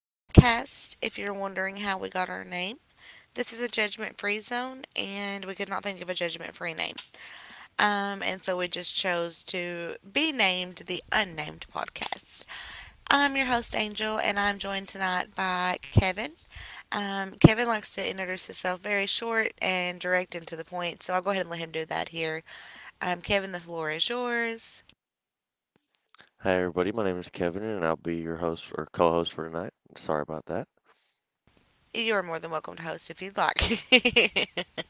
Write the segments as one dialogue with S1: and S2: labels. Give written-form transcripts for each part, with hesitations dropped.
S1: Podcast. If you're wondering how we got our name, this is a judgment free zone, and we could not think of a judgment free name. And so we just chose to be named the Unnamed Podcast. I'm your host, Angel, and I'm joined tonight by Kevin. Kevin likes to introduce himself very short and direct and to the point, so I'll go ahead and let him do that here. Kevin, the floor is yours.
S2: Hi, everybody. My name is Kevin, and I'll be your host for- or co-host for tonight. Sorry about that.
S1: You're more than welcome to host if you'd like.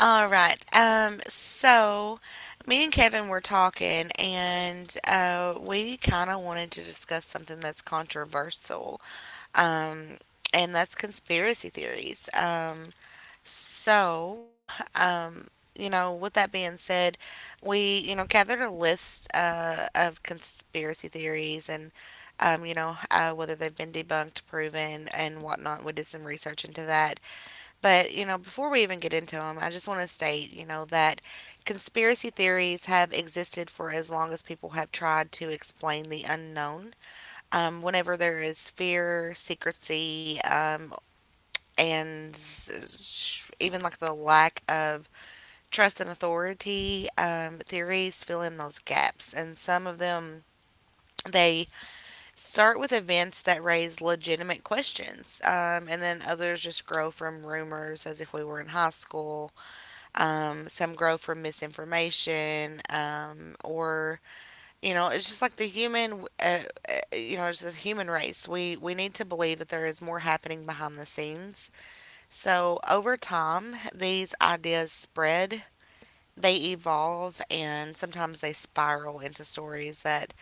S1: All right. So me and Kevin were talking, and we kind of wanted to discuss something that's controversial, um, and that's conspiracy theories. So, um, you know, with that being said, we, you know, gathered a list of conspiracy theories and, you know, whether they've been debunked, proven, and whatnot. We did some research into that. But, you know, before we even get into them, I just want to state, you know, that conspiracy theories have existed for as long as people have tried to explain the unknown. Whenever there is fear, secrecy, and even like the lack of trust and authority, theories fill in those gaps. And some of them, they start with events that raise legitimate questions, and then others just grow from rumors as if we were in high school, some grow from misinformation, or you know, it's just like the human, you know, it's the human race. We need to believe that there is more happening behind the scenes. So over time, these ideas spread. They evolve and sometimes they spiral into stories that,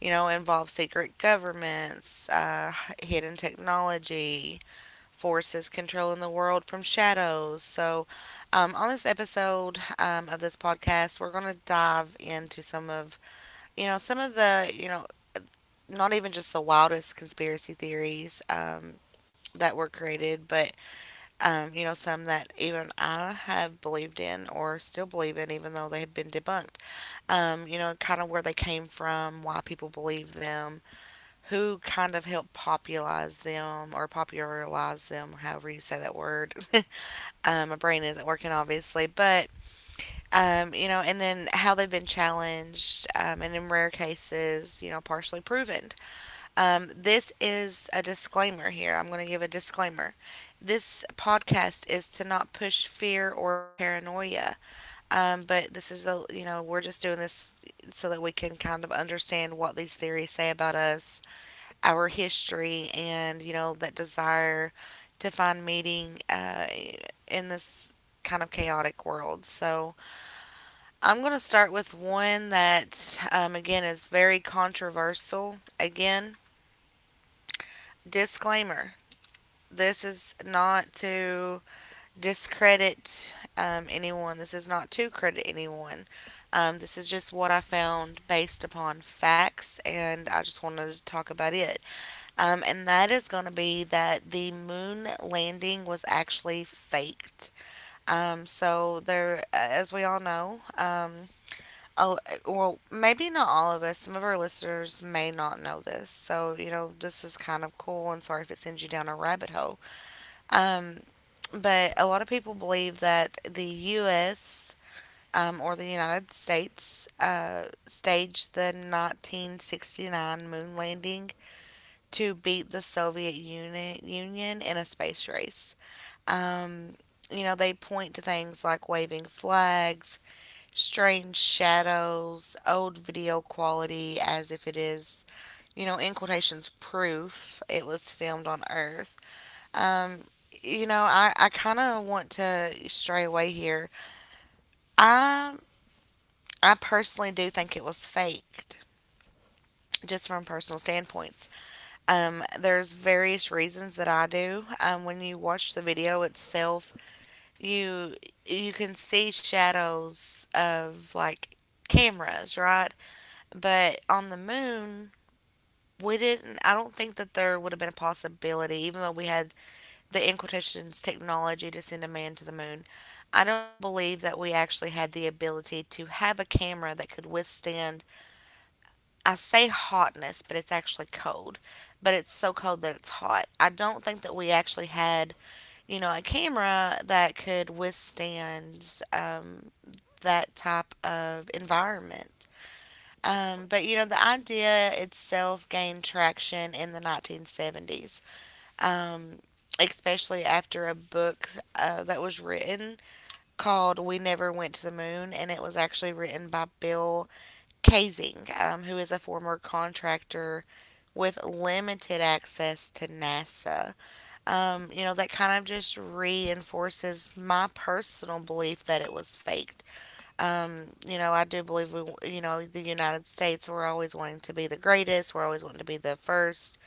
S1: you know, involve secret governments, hidden technology, forces controlling the world from shadows. So on this episode of this podcast, we're going to dive into some of, you know, some of the, you know, not even just the wildest conspiracy theories that were created, but, you know, some that even I have believed in or still believe in, even though they have been debunked. You know, kind of where they came from, why people believe them, who kind of helped popularize them or popularize them, however you say that word. My brain isn't working, obviously, but you know, and then how they've been challenged, and in rare cases, you know, partially proven. This is a disclaimer here. I'm going to give a disclaimer. This podcast is to not push fear or paranoia, but this is a you know we're just doing this so that we can kind of understand what these theories say about us, our history, and you know that desire to find meaning in this kind of chaotic world. So I'm going to start with one that again is very controversial. Again, disclaimer: this is not to discredit anyone. This is not to credit anyone. This is just what I found based upon facts, and I just wanted to talk about it. And that is going to be that the moon landing was actually faked. As we all know, oh, well, maybe not all of us. Some of our listeners may not know this. So you know, this is kind of cool. And sorry if it sends you down a rabbit hole. Um, but a lot of people believe that the U.S. Or the United States staged the 1969 moon landing to beat the Union in a space race. Um, you know, they point to things like waving flags, strange shadows, old video quality as if it is, you know, in quotations, proof it was filmed on Earth. Um, you know, I kind of want to stray away here. I, I personally do think it was faked, just from personal standpoints. There's various reasons that I do. When you watch the video itself, you you can see shadows of like cameras, right? But on the moon, we didn't. I don't think that there would have been a possibility, even though we had the in quotations technology to send a man to the moon. I don't believe that we actually had the ability to have a camera that could withstand, I say hotness, but it's actually cold. But it's so cold that it's hot. I don't think that we actually had, you know, a camera that could withstand that type of environment. But you know, the idea itself gained traction in the 1970s, um, especially after a book that was written called We Never Went to the Moon, and it was actually written by Bill Kaysing, who is a former contractor with limited access to NASA. You know, that kind of just reinforces my personal belief that it was faked. You know, I do believe we, you know, the United States, we're always wanting to be the greatest, we're always wanting to be the first,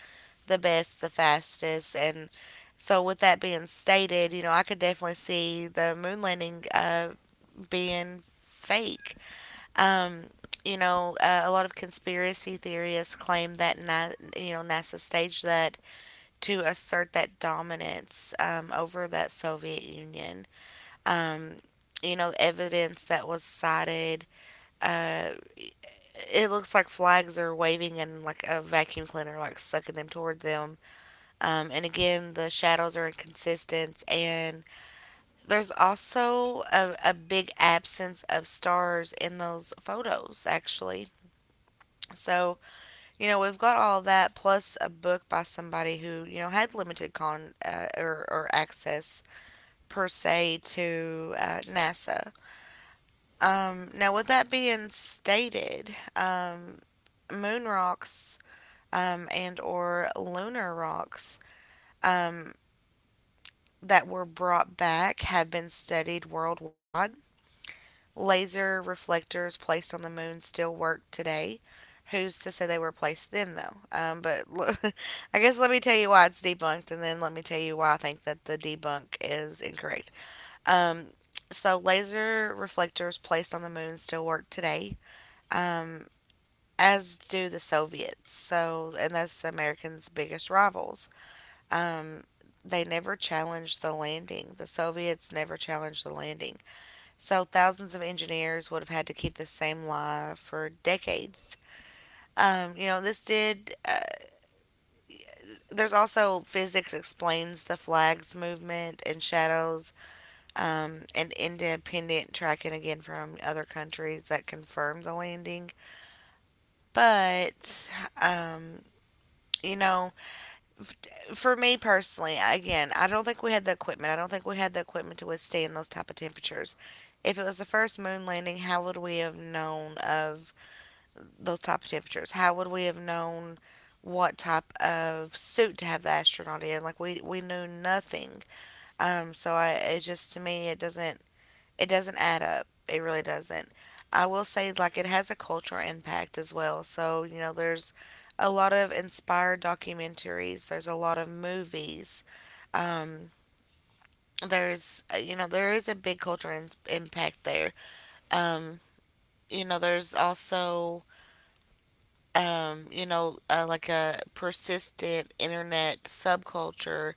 S1: the best, the fastest, and so, with that being stated, you know, I could definitely see the moon landing being fake. Um, you know, a lot of conspiracy theorists claim that you know NASA staged that to assert that dominance over that Soviet Union. Um, you know, evidence that was cited. Uh, it looks like flags are waving and like a vacuum cleaner like sucking them toward them. And again, the shadows are inconsistent, and there's also a big absence of stars in those photos, actually. So you know, we've got all of that plus a book by somebody who, you know, had limited con or access per se to NASA. Now, with that being stated, moon rocks and or lunar rocks um, that were brought back have been studied worldwide. Laser reflectors placed on the moon still work today. Who's to say they were placed then, though? But I guess let me tell you why it's debunked, and then let me tell you why I think that the debunk is incorrect. Um, so, laser reflectors placed on the moon still work today, um, as do the Soviets. So, and that's the Americans' biggest rivals. Um, they never challenged the landing. The Soviets never challenged the landing. So thousands of engineers would have had to keep the same lie for decades. You know, this did. There's also physics explains the flag's movement and shadows, and independent tracking again from other countries that confirmed the landing. But, um, you know, for me personally, again, I don't think we had the equipment. I don't think we had the equipment to withstand those type of temperatures. If it was the first moon landing, how would we have known of those type of temperatures? How would we have known what type of suit to have the astronaut in? Like we knew nothing. So I it just to me it doesn't, it doesn't add up. It really doesn't. I will say like it has a cultural impact as well. So you know there's a lot of inspired documentaries. There's a lot of movies. Um, there's you know there is a big cultural impact there. Um, you know there's also you know, like a persistent internet subculture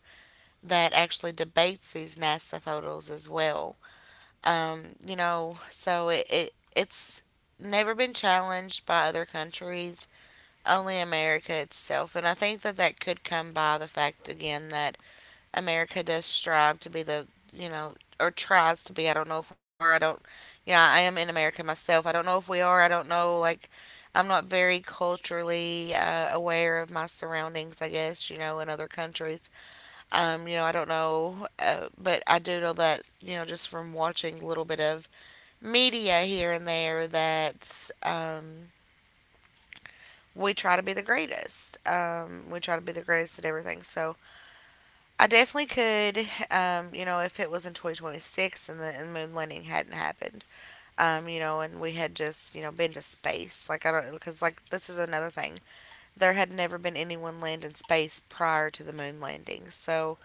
S1: that actually debates these NASA photos as well. You know, so it it's never been challenged by other countries, only America itself. And I think that that could come by the fact, again, that America does strive to be the, you know, or tries to be. I don't know if we are. I don't, you know, I am in America myself. I don't know if we are. I don't know, like, I'm not very culturally aware of my surroundings, I guess, you know, in other countries. You know, I don't know, but I do know that, you know, just from watching a little bit of media here and there, that we try to be the greatest. We try to be the greatest at everything. So I definitely could, you know, if it was in 2026 and and moon landing hadn't happened, you know, and we had just, you know, been to space. Like, I don't, because, like, this is another thing. There had never been anyone land in space prior to the moon landing. So,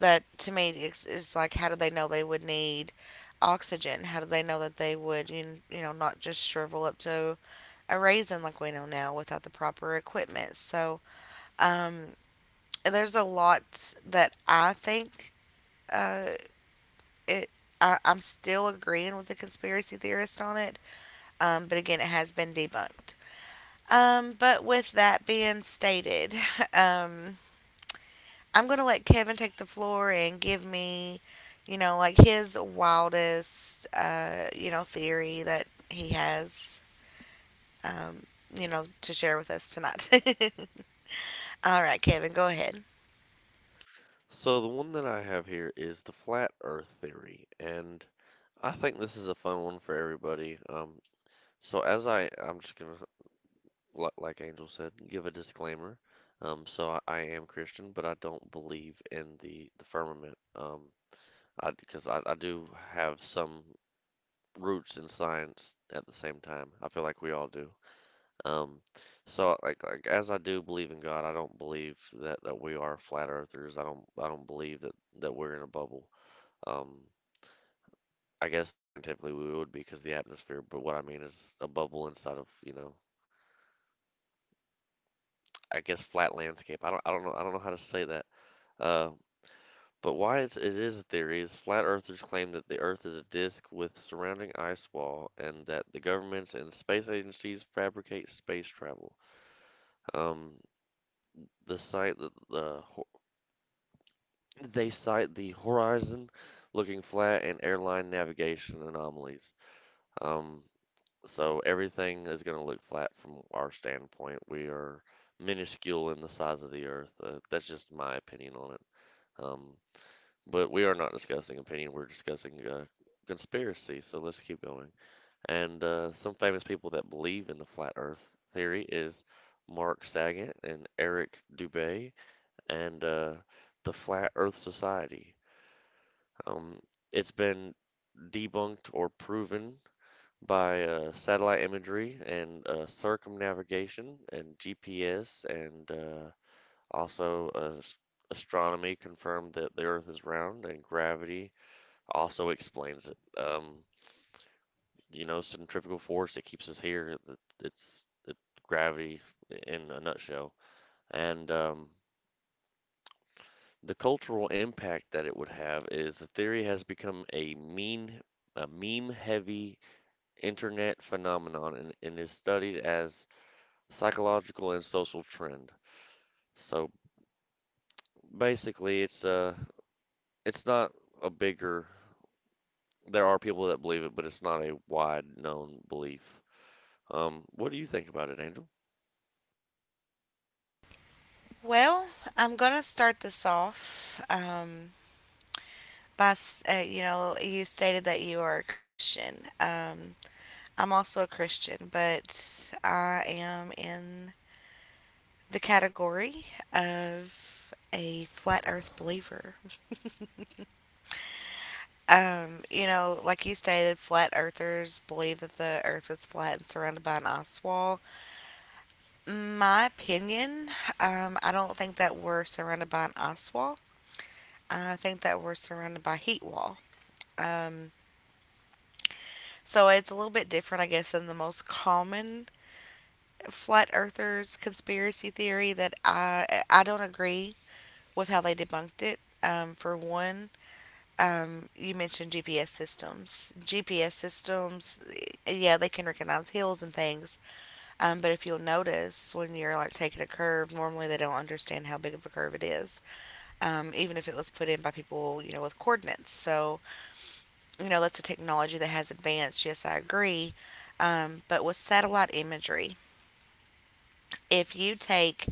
S1: that to me is like, how do they know they would need oxygen? How do they know that they would, you know, not just shrivel up to a raisin like we know now without the proper equipment? So, um, there's a lot that I think uh, it I'm still agreeing with the conspiracy theorist on it, but again, it has been debunked. But with that being stated, um, I'm going to let Kevin take the floor and give me, like his wildest, theory that he has, um, to share with us tonight. All right, Kevin, go ahead.
S2: So the one that I have here is the flat Earth theory, and I think this is a fun one for everybody. So as I, I'm just gonna, li- like Angel said, give a disclaimer. I am Christian, but I don't believe in the firmament. I do have some roots in science at the same time. I feel like we all do. Um, as I do believe in God, I don't believe that we are flat earthers. I don't believe that we're in a bubble. Um, I guess scientifically we would be because the atmosphere, but what I mean is a bubble inside of, you know, I guess flat landscape. I don't know how to say that. Uh, but why it is a theory is flat earthers claim that the earth is a disk with surrounding ice wall and that the governments and space agencies fabricate space travel. Um, the site that the They cite the horizon looking flat and airline navigation anomalies. Um, so everything is going to look flat from our standpoint. We are minuscule in the size of the Earth. That's just my opinion on it. Um, but we are not discussing opinion. We're discussing conspiracy. So let's keep going. And Some famous people that believe in the flat Earth theory is Mark Saget and Eric Dubay and the Flat Earth Society. Um, it's been debunked or proven by satellite imagery and circumnavigation and GPS, and also astronomy confirmed that the Earth is round, and gravity also explains it. You know, centrifugal force that keeps us here. It's gravity in a nutshell, and the cultural impact that it would have is the theory has become a mean, a meme-heavy internet phenomenon and is studied as psychological and social trend. So basically, it's not a bigger. There are people that believe it, but it's not a wide known belief. What do you think about it, Angel?
S1: Well, I'm going to start this off. Bas, you know, you stated that you are a Christian. I'm also a Christian, but I am in the category of a flat Earth believer. You know, like you stated, flat Earthers believe that the Earth is flat and surrounded by an ice wall. My opinion, I don't think that we're surrounded by an ice wall. I think that we're surrounded by a heat wall. Um, so it's a little bit different, I guess, than the most common flat earthers conspiracy theory that I don't agree with how they debunked it. For one, you mentioned GPS systems. GPS systems, yeah, they can recognize hills and things. But if you'll notice, when you're like taking a curve, normally they don't understand how big of a curve it is, even if it was put in by people, you know, with coordinates. So, you know, that's a technology that has advanced. Yes, I agree. But with satellite imagery, if you take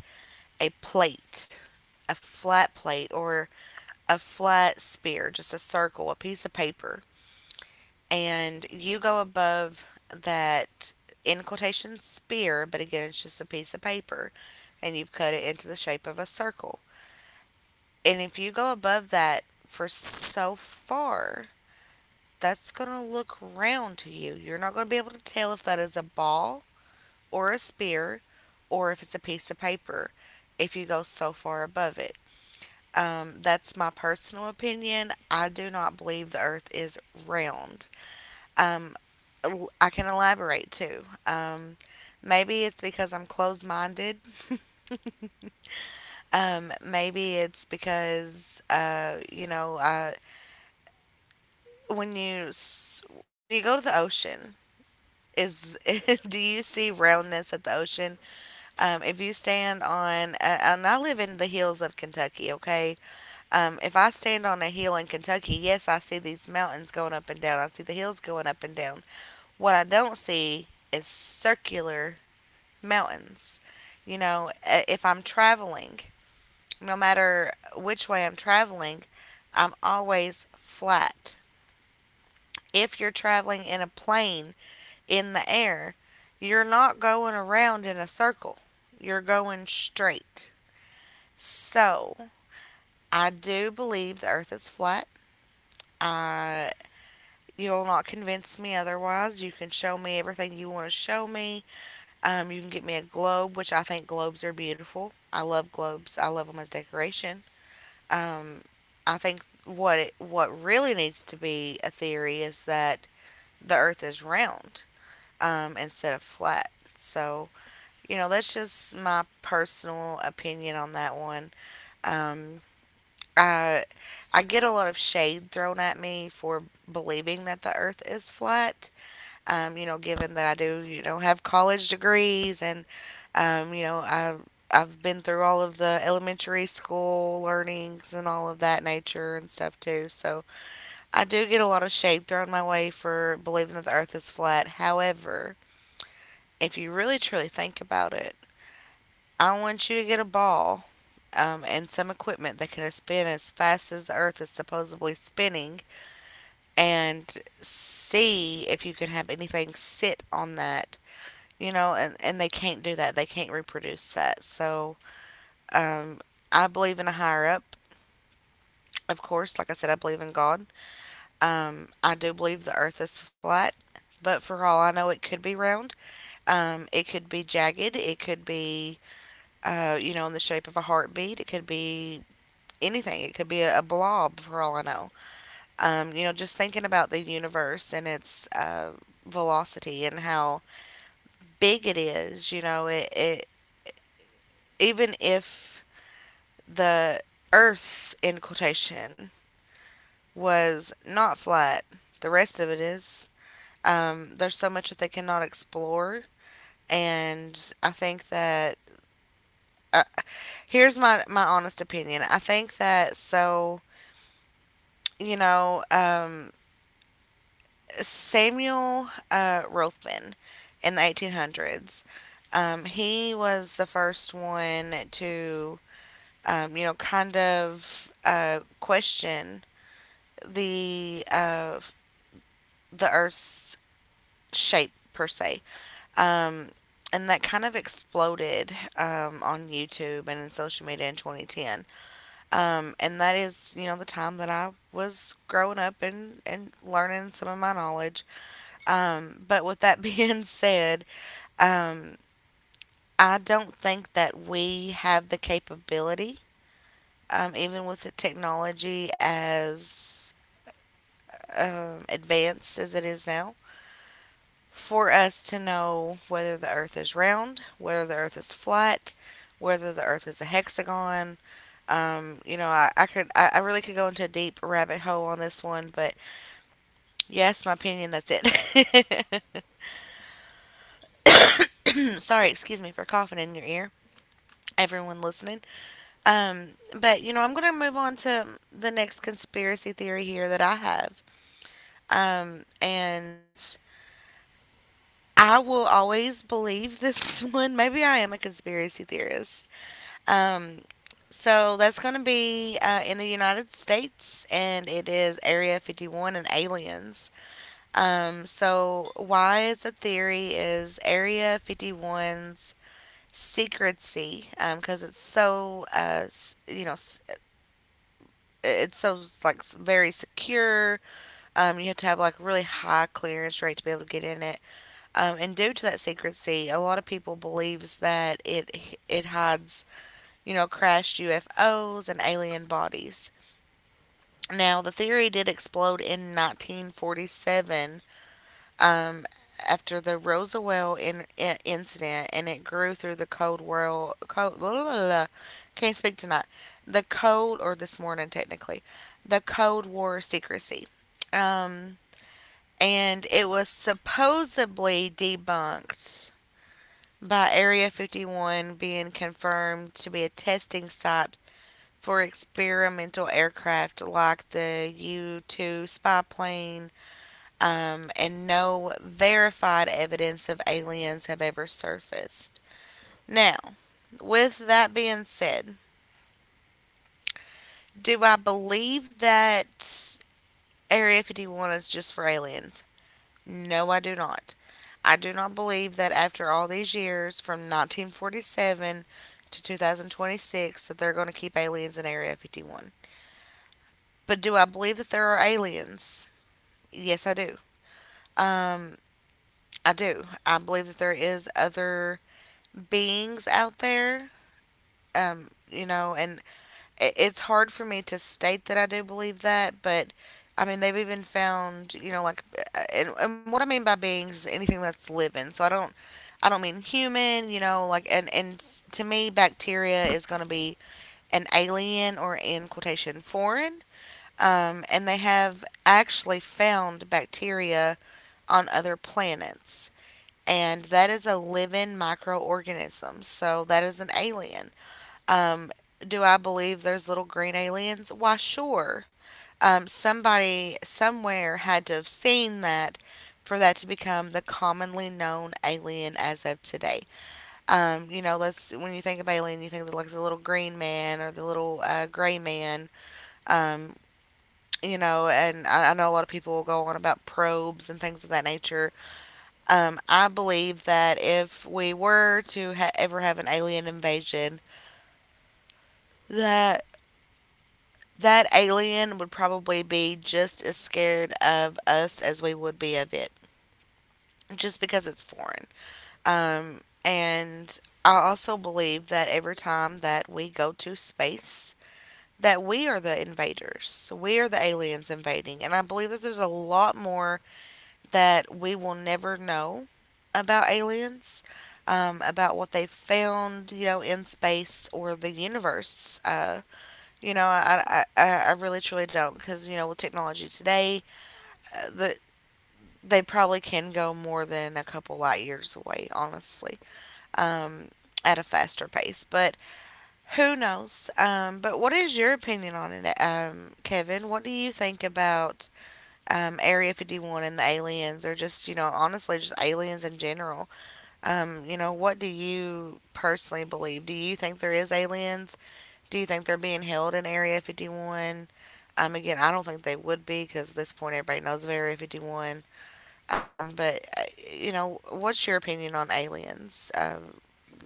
S1: a plate a flat plate or a flat sphere, just a circle, a piece of paper, and you go above that in quotation spear, but again, it's just a piece of paper, and you've cut it into the shape of a circle. And if you go above that for so far, that's going to look round to you. You're not going to be able to tell if that is a ball or a spear or if it's a piece of paper if you go so far above it. That's my personal opinion. I do not believe the earth is round. Um, I can elaborate too. Maybe it's because I'm closed minded. Maybe it's because, you know, when you when you go to the ocean, is do you see roundness at the ocean? If you stand on, and I live in the hills of Kentucky, okay, if I stand on a hill in Kentucky, yes, I see these mountains going up and down. I see the hills going up and down. What I don't see is circular mountains. You know, if I'm traveling, no matter which way I'm traveling, I'm always flat. If you're traveling in a plane in the air, you're not going around in a circle, you're going straight. So, I do believe the earth is flat. I You'll not convince me otherwise. You can show me everything you want to show me. You can get me a globe, which I think globes are beautiful. I love globes. I love them as decoration. Um, I think what really needs to be a theory is that the Earth is round, instead of flat. So, you know, that's just my personal opinion on that one. Um, I I get a lot of shade thrown at me for believing that the Earth is flat. You know, given that I do, you know, have college degrees and, you know, I've been through all of the elementary school learnings and all of that nature and stuff too. So I do get a lot of shade thrown my way for believing that the earth is flat. However, if you really truly think about it, I want you to get a ball, and some equipment that can spin as fast as the earth is supposedly spinning and see if you can have anything sit on that, you know, and they can't do that. They can't reproduce that. So, um, I believe in a higher up, of course. Like I said, I believe in God. I do believe the earth is flat, but for all I know, it could be round. It could be jagged. It could be, you know, in the shape of a heartbeat. It could be anything. It could be a blob, for all I know. You know, just thinking about the universe and its velocity and how big it is, you know, it even if the Earth in quotation was not flat. The rest of it is. There's so much that they cannot explore, and I think that uh, here's my honest opinion. I think that, so, you know, Samuel Rothman in the 1800s. He was the first one to, you know, kind of, question the uh, the Earth's shape per se. Um, and that kind of exploded, on YouTube and in social media in 2010. And that is, you know, the time that I was growing up and learning some of my knowledge. But with that being said, um, I don't think that we have the capability, even with the technology as advanced as it is now, for us to know whether the Earth is round, whether the Earth is flat, whether the Earth is a hexagon. You know, I could, I really could go into a deep rabbit hole on this one, but yes, my opinion. That's it. Sorry, excuse me for coughing in your ear, everyone listening. Um, but you know, I'm gonna move on to the next conspiracy theory here that I have. And I will always believe this one. Maybe I am a conspiracy theorist. Um, so that's going to be, in the United States, and it is Area 51 and aliens. So why is the theory is Area 51's secrecy, because, it's so, you know, it's so like, very secure. You have to have like really high clearance rate to be able to get in it. And due to that secrecy, a lot of people believes that it hides, you know, crashed UFOs and alien bodies. Now, the theory did explode in 1947, um, after the Roswell incident, and it grew through the Cold World. Cold, la, la, la. Can't speak tonight. The Cold, or this morning technically, the Cold War secrecy. Um, and it was supposedly debunked by Area 51 being confirmed to be a testing site for experimental aircraft like the U 2 spy plane, and no verified evidence of aliens have ever surfaced. Now, with that being said, do I believe that Area 51 is just for aliens? No, I do not. I do not believe that after all these years, from 1947 to 2026, that they're going to keep aliens in Area 51. But do I believe that there are aliens? Yes, I do. Um, I do. I believe that there is other beings out there. You know, and it's hard for me to state that I do believe that, but I mean, they've even found, you know, like, and what I mean by beings is anything that's living. So I don't mean human, you know, like, to me, bacteria is going to be an alien or in quotation foreign. And they have actually found bacteria on other planets, and that is a living microorganism. So that is an alien. Um, do I believe there's little green aliens? Why, sure. Somebody somewhere had to have seen that for that to become the commonly known alien as of today. You know, let's when you think of alien, you think of like the little green man or the little gray man. Um, you know, and I know a lot of people will go on about probes and things of that nature, I believe that if we were to ever have an alien invasion, that that alien would probably be just as scared of us as we would be of it, just because it's foreign. And I also believe that every time that we go to space, that we are the invaders. We are the aliens invading. And I believe that there's a lot more that we will never know about aliens, about what they found, you know, in space or the universe. You know, I really truly don't because, you know, with technology today, uh, the, they probably can go more than a couple light years away, honestly, um, at a faster pace. But who knows? But what is your opinion on it, Kevin? What do you think about, Area 51 and the aliens, or just, you know, honestly, just aliens in general. You know, what do you personally believe? Do you think there is aliens? Do you think they're being held in Area 51? Again, I don't think they would be because at this point everybody knows of Area 51. Um, but, uh, what's your opinion on aliens?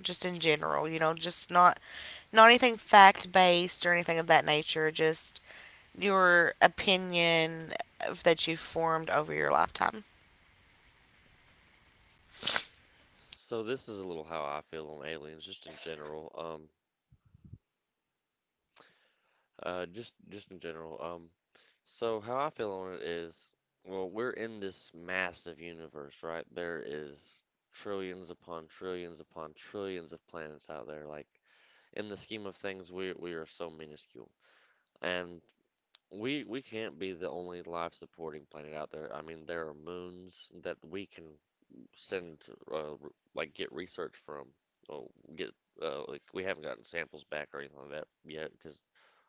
S1: Just in general, just not anything fact based or anything of that nature, just your opinion that you've formed over your lifetime.
S2: So this is a little how I feel on aliens, just in general. Just just in general. So how I feel on it is, well, we're in this massive universe, right? There is trillions upon trillions upon trillions of planets out there. Like in the scheme of things, we are so minuscule, and we can't be the only life supporting planet out there. I mean, there are moons that we can send, uh, like get research from, or get like we haven't gotten samples back or anything like that yet, because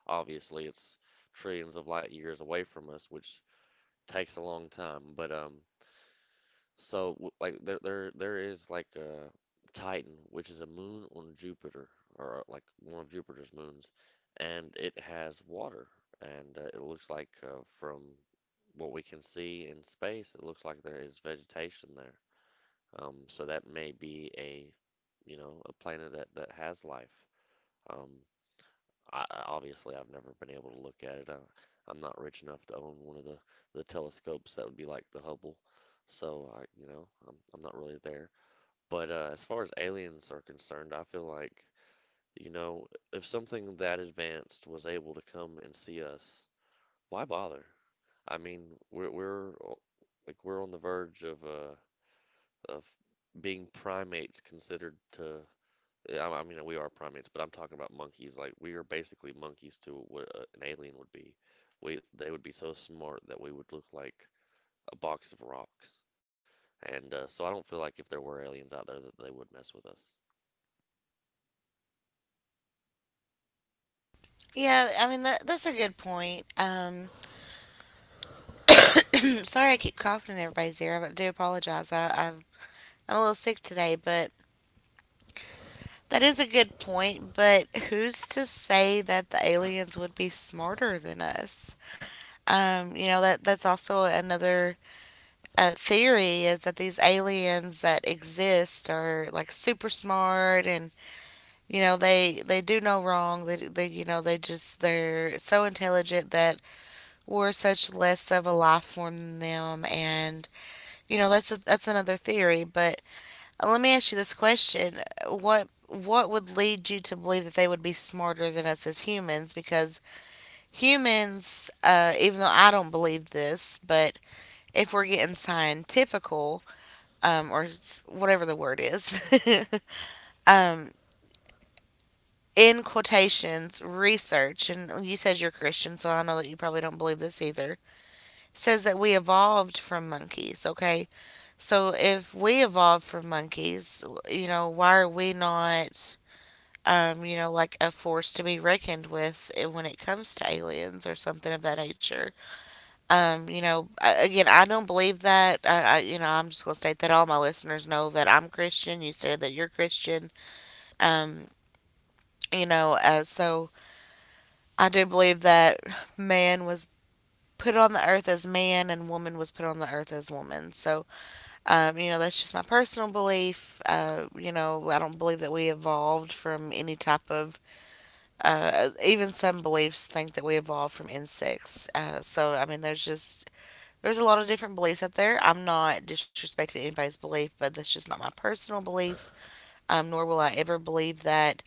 S2: obviously it's trillions of light years away from us, which takes a long time. But there is like a Titan, which is a moon on Jupiter, or like one of Jupiter's moons, and it has water, and it looks like from what we can see in space, it looks like there is vegetation there. So that may be a you know a planet that has life. Um, I, obviously, I've never been able to look at it. I'm not rich enough to own one of the telescopes that would be like the Hubble. So you know, I'm not really there. But as far as aliens are concerned, I feel like, you know, if something that advanced was able to come and see us, why bother? I mean, we're we're uh, we're on the verge of of being primates considered to yeah, I mean, we are primates, but I'm talking about monkeys. Like we are basically monkeys to what an alien would be. We They would be so smart that we would look like a box of rocks. And so I don't feel like if there were aliens out there that they would mess with us.
S1: Yeah, I mean that's a good point. Sorry I keep coughing in everybody's ear, but I do apologize. I'm a little sick today, but that is a good point. But who's to say that the aliens would be smarter than us? You know, that's also another theory, is that these aliens that exist are like super smart, and you know they do no wrong. They You know, they're so intelligent that we're such less of a life form than them. And you know that's another theory, but let me ask you this question. What would lead you to believe that they would be smarter than us as humans? Because humans, even though I don't believe this, but if we're getting scientifical, whatever the word is, um, in quotations research, and you said you're Christian, so I know that you probably don't believe this either, says that we evolved from monkeys, okay? So if we evolved from monkeys, you know, why are we not, you know, like a force to be reckoned with when it comes to aliens or something of that nature? Again, I don't believe that. I You know, I'm just gonna state that all my listeners know that I'm Christian. You said that you're Christian. Um, so I do believe that man was put on the earth as man, and woman was put on the earth as woman. So you know, that's just my personal belief. You know, I don't believe that we evolved from any type of, even some beliefs think that we evolved from insects. So, I mean, there's a lot of different beliefs out there. I'm not disrespecting anybody's belief, but that's just not my personal belief, nor will I ever believe that.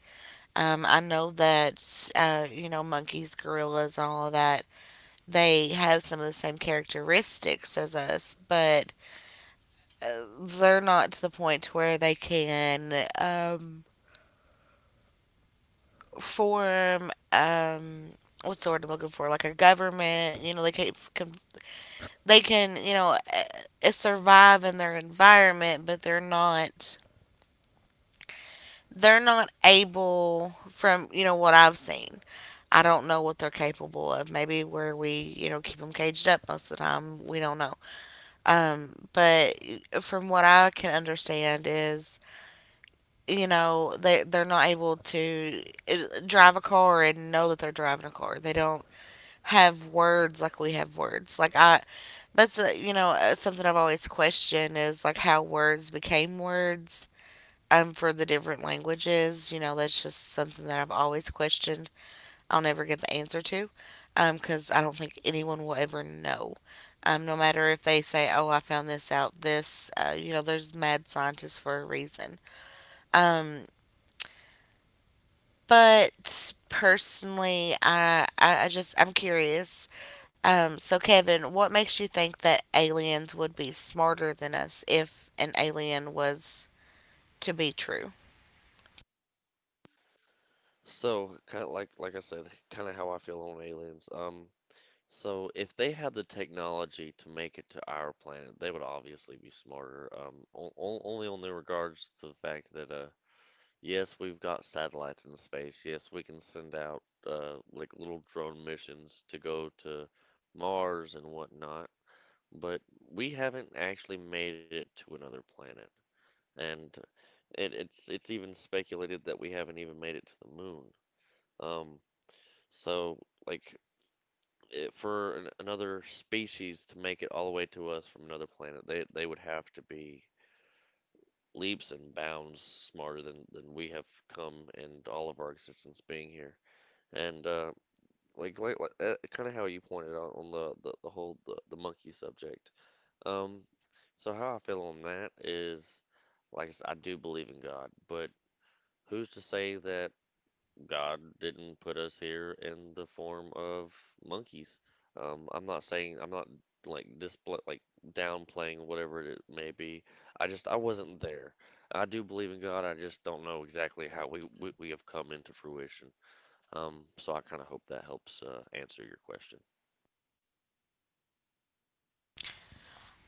S1: I know that, monkeys, gorillas, and all of that, they have some of the same characteristics as us, but they're not to the point where they can form what's the word I'm looking for, like a government. You know, can they can you know survive in their environment, but they're not able from you know what I've seen. I don't know what they're capable of. Maybe where we you know keep them caged up most of the time, we don't know. But from what I can understand is you know they're not able to uh, drive a car and know that they're driving a car. They don't have words like we have words. You know, something I've always questioned is like how words became words for the different languages. You know, that's just something that I've always questioned. I'll never get the answer to because I don't think anyone will ever know. No matter if they say, "Oh, I found this out," this you know, there's mad scientists for a reason. Um, But personally, I'm curious. So, Kevin, what makes you think that aliens would be smarter than us if an alien was to be true?
S2: So like I said, kind of how I feel on aliens. So if they had the technology to make it to our planet, they would obviously be smarter. Only on the regards to the fact that yes, we've got satellites in space. Yes, we can send out like little drone missions to go to Mars and whatnot, but we haven't actually made it to another planet. And it's even speculated that we haven't even made it to the moon. Um, so like for another species to make it all the way to us from another planet, they would have to be leaps and bounds smarter than we have come in all of our existence being here. And like Kind of how you pointed out on the monkey subject. Um, so how I feel on that is, like I said, I do believe in God, but who's to say that God didn't put us here in the form of monkeys? I'm not saying I'm not like display like downplaying whatever it may be. I wasn't there. I do believe in God. I just don't know exactly how we have come into fruition. So I kind of hope that helps answer your question.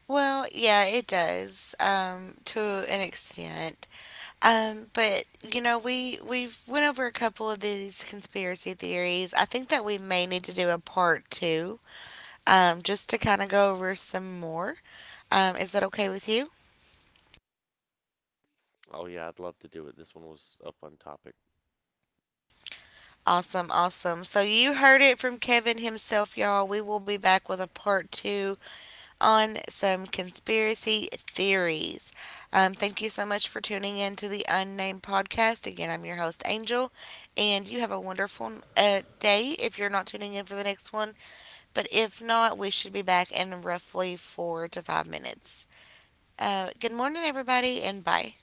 S1: Well, yeah, it does, to an extent. But you know, we we've went over a couple of these conspiracy theories. I think that we may need to do a part two, just to kind of go over some more. Is that okay with you?
S2: Oh yeah, I'd love to do it. This one was up on topic.
S1: Awesome, awesome. So you heard it from Kevin himself, y'all. We will be back with a part two on some conspiracy theories. Thank you so much for tuning in to the Unnamed Podcast. Again, I'm your host, Angel, and you have a wonderful day if you're not tuning in for the next one. But if not, we should be back in roughly 4 to 5 minutes. Good morning, everybody, and bye.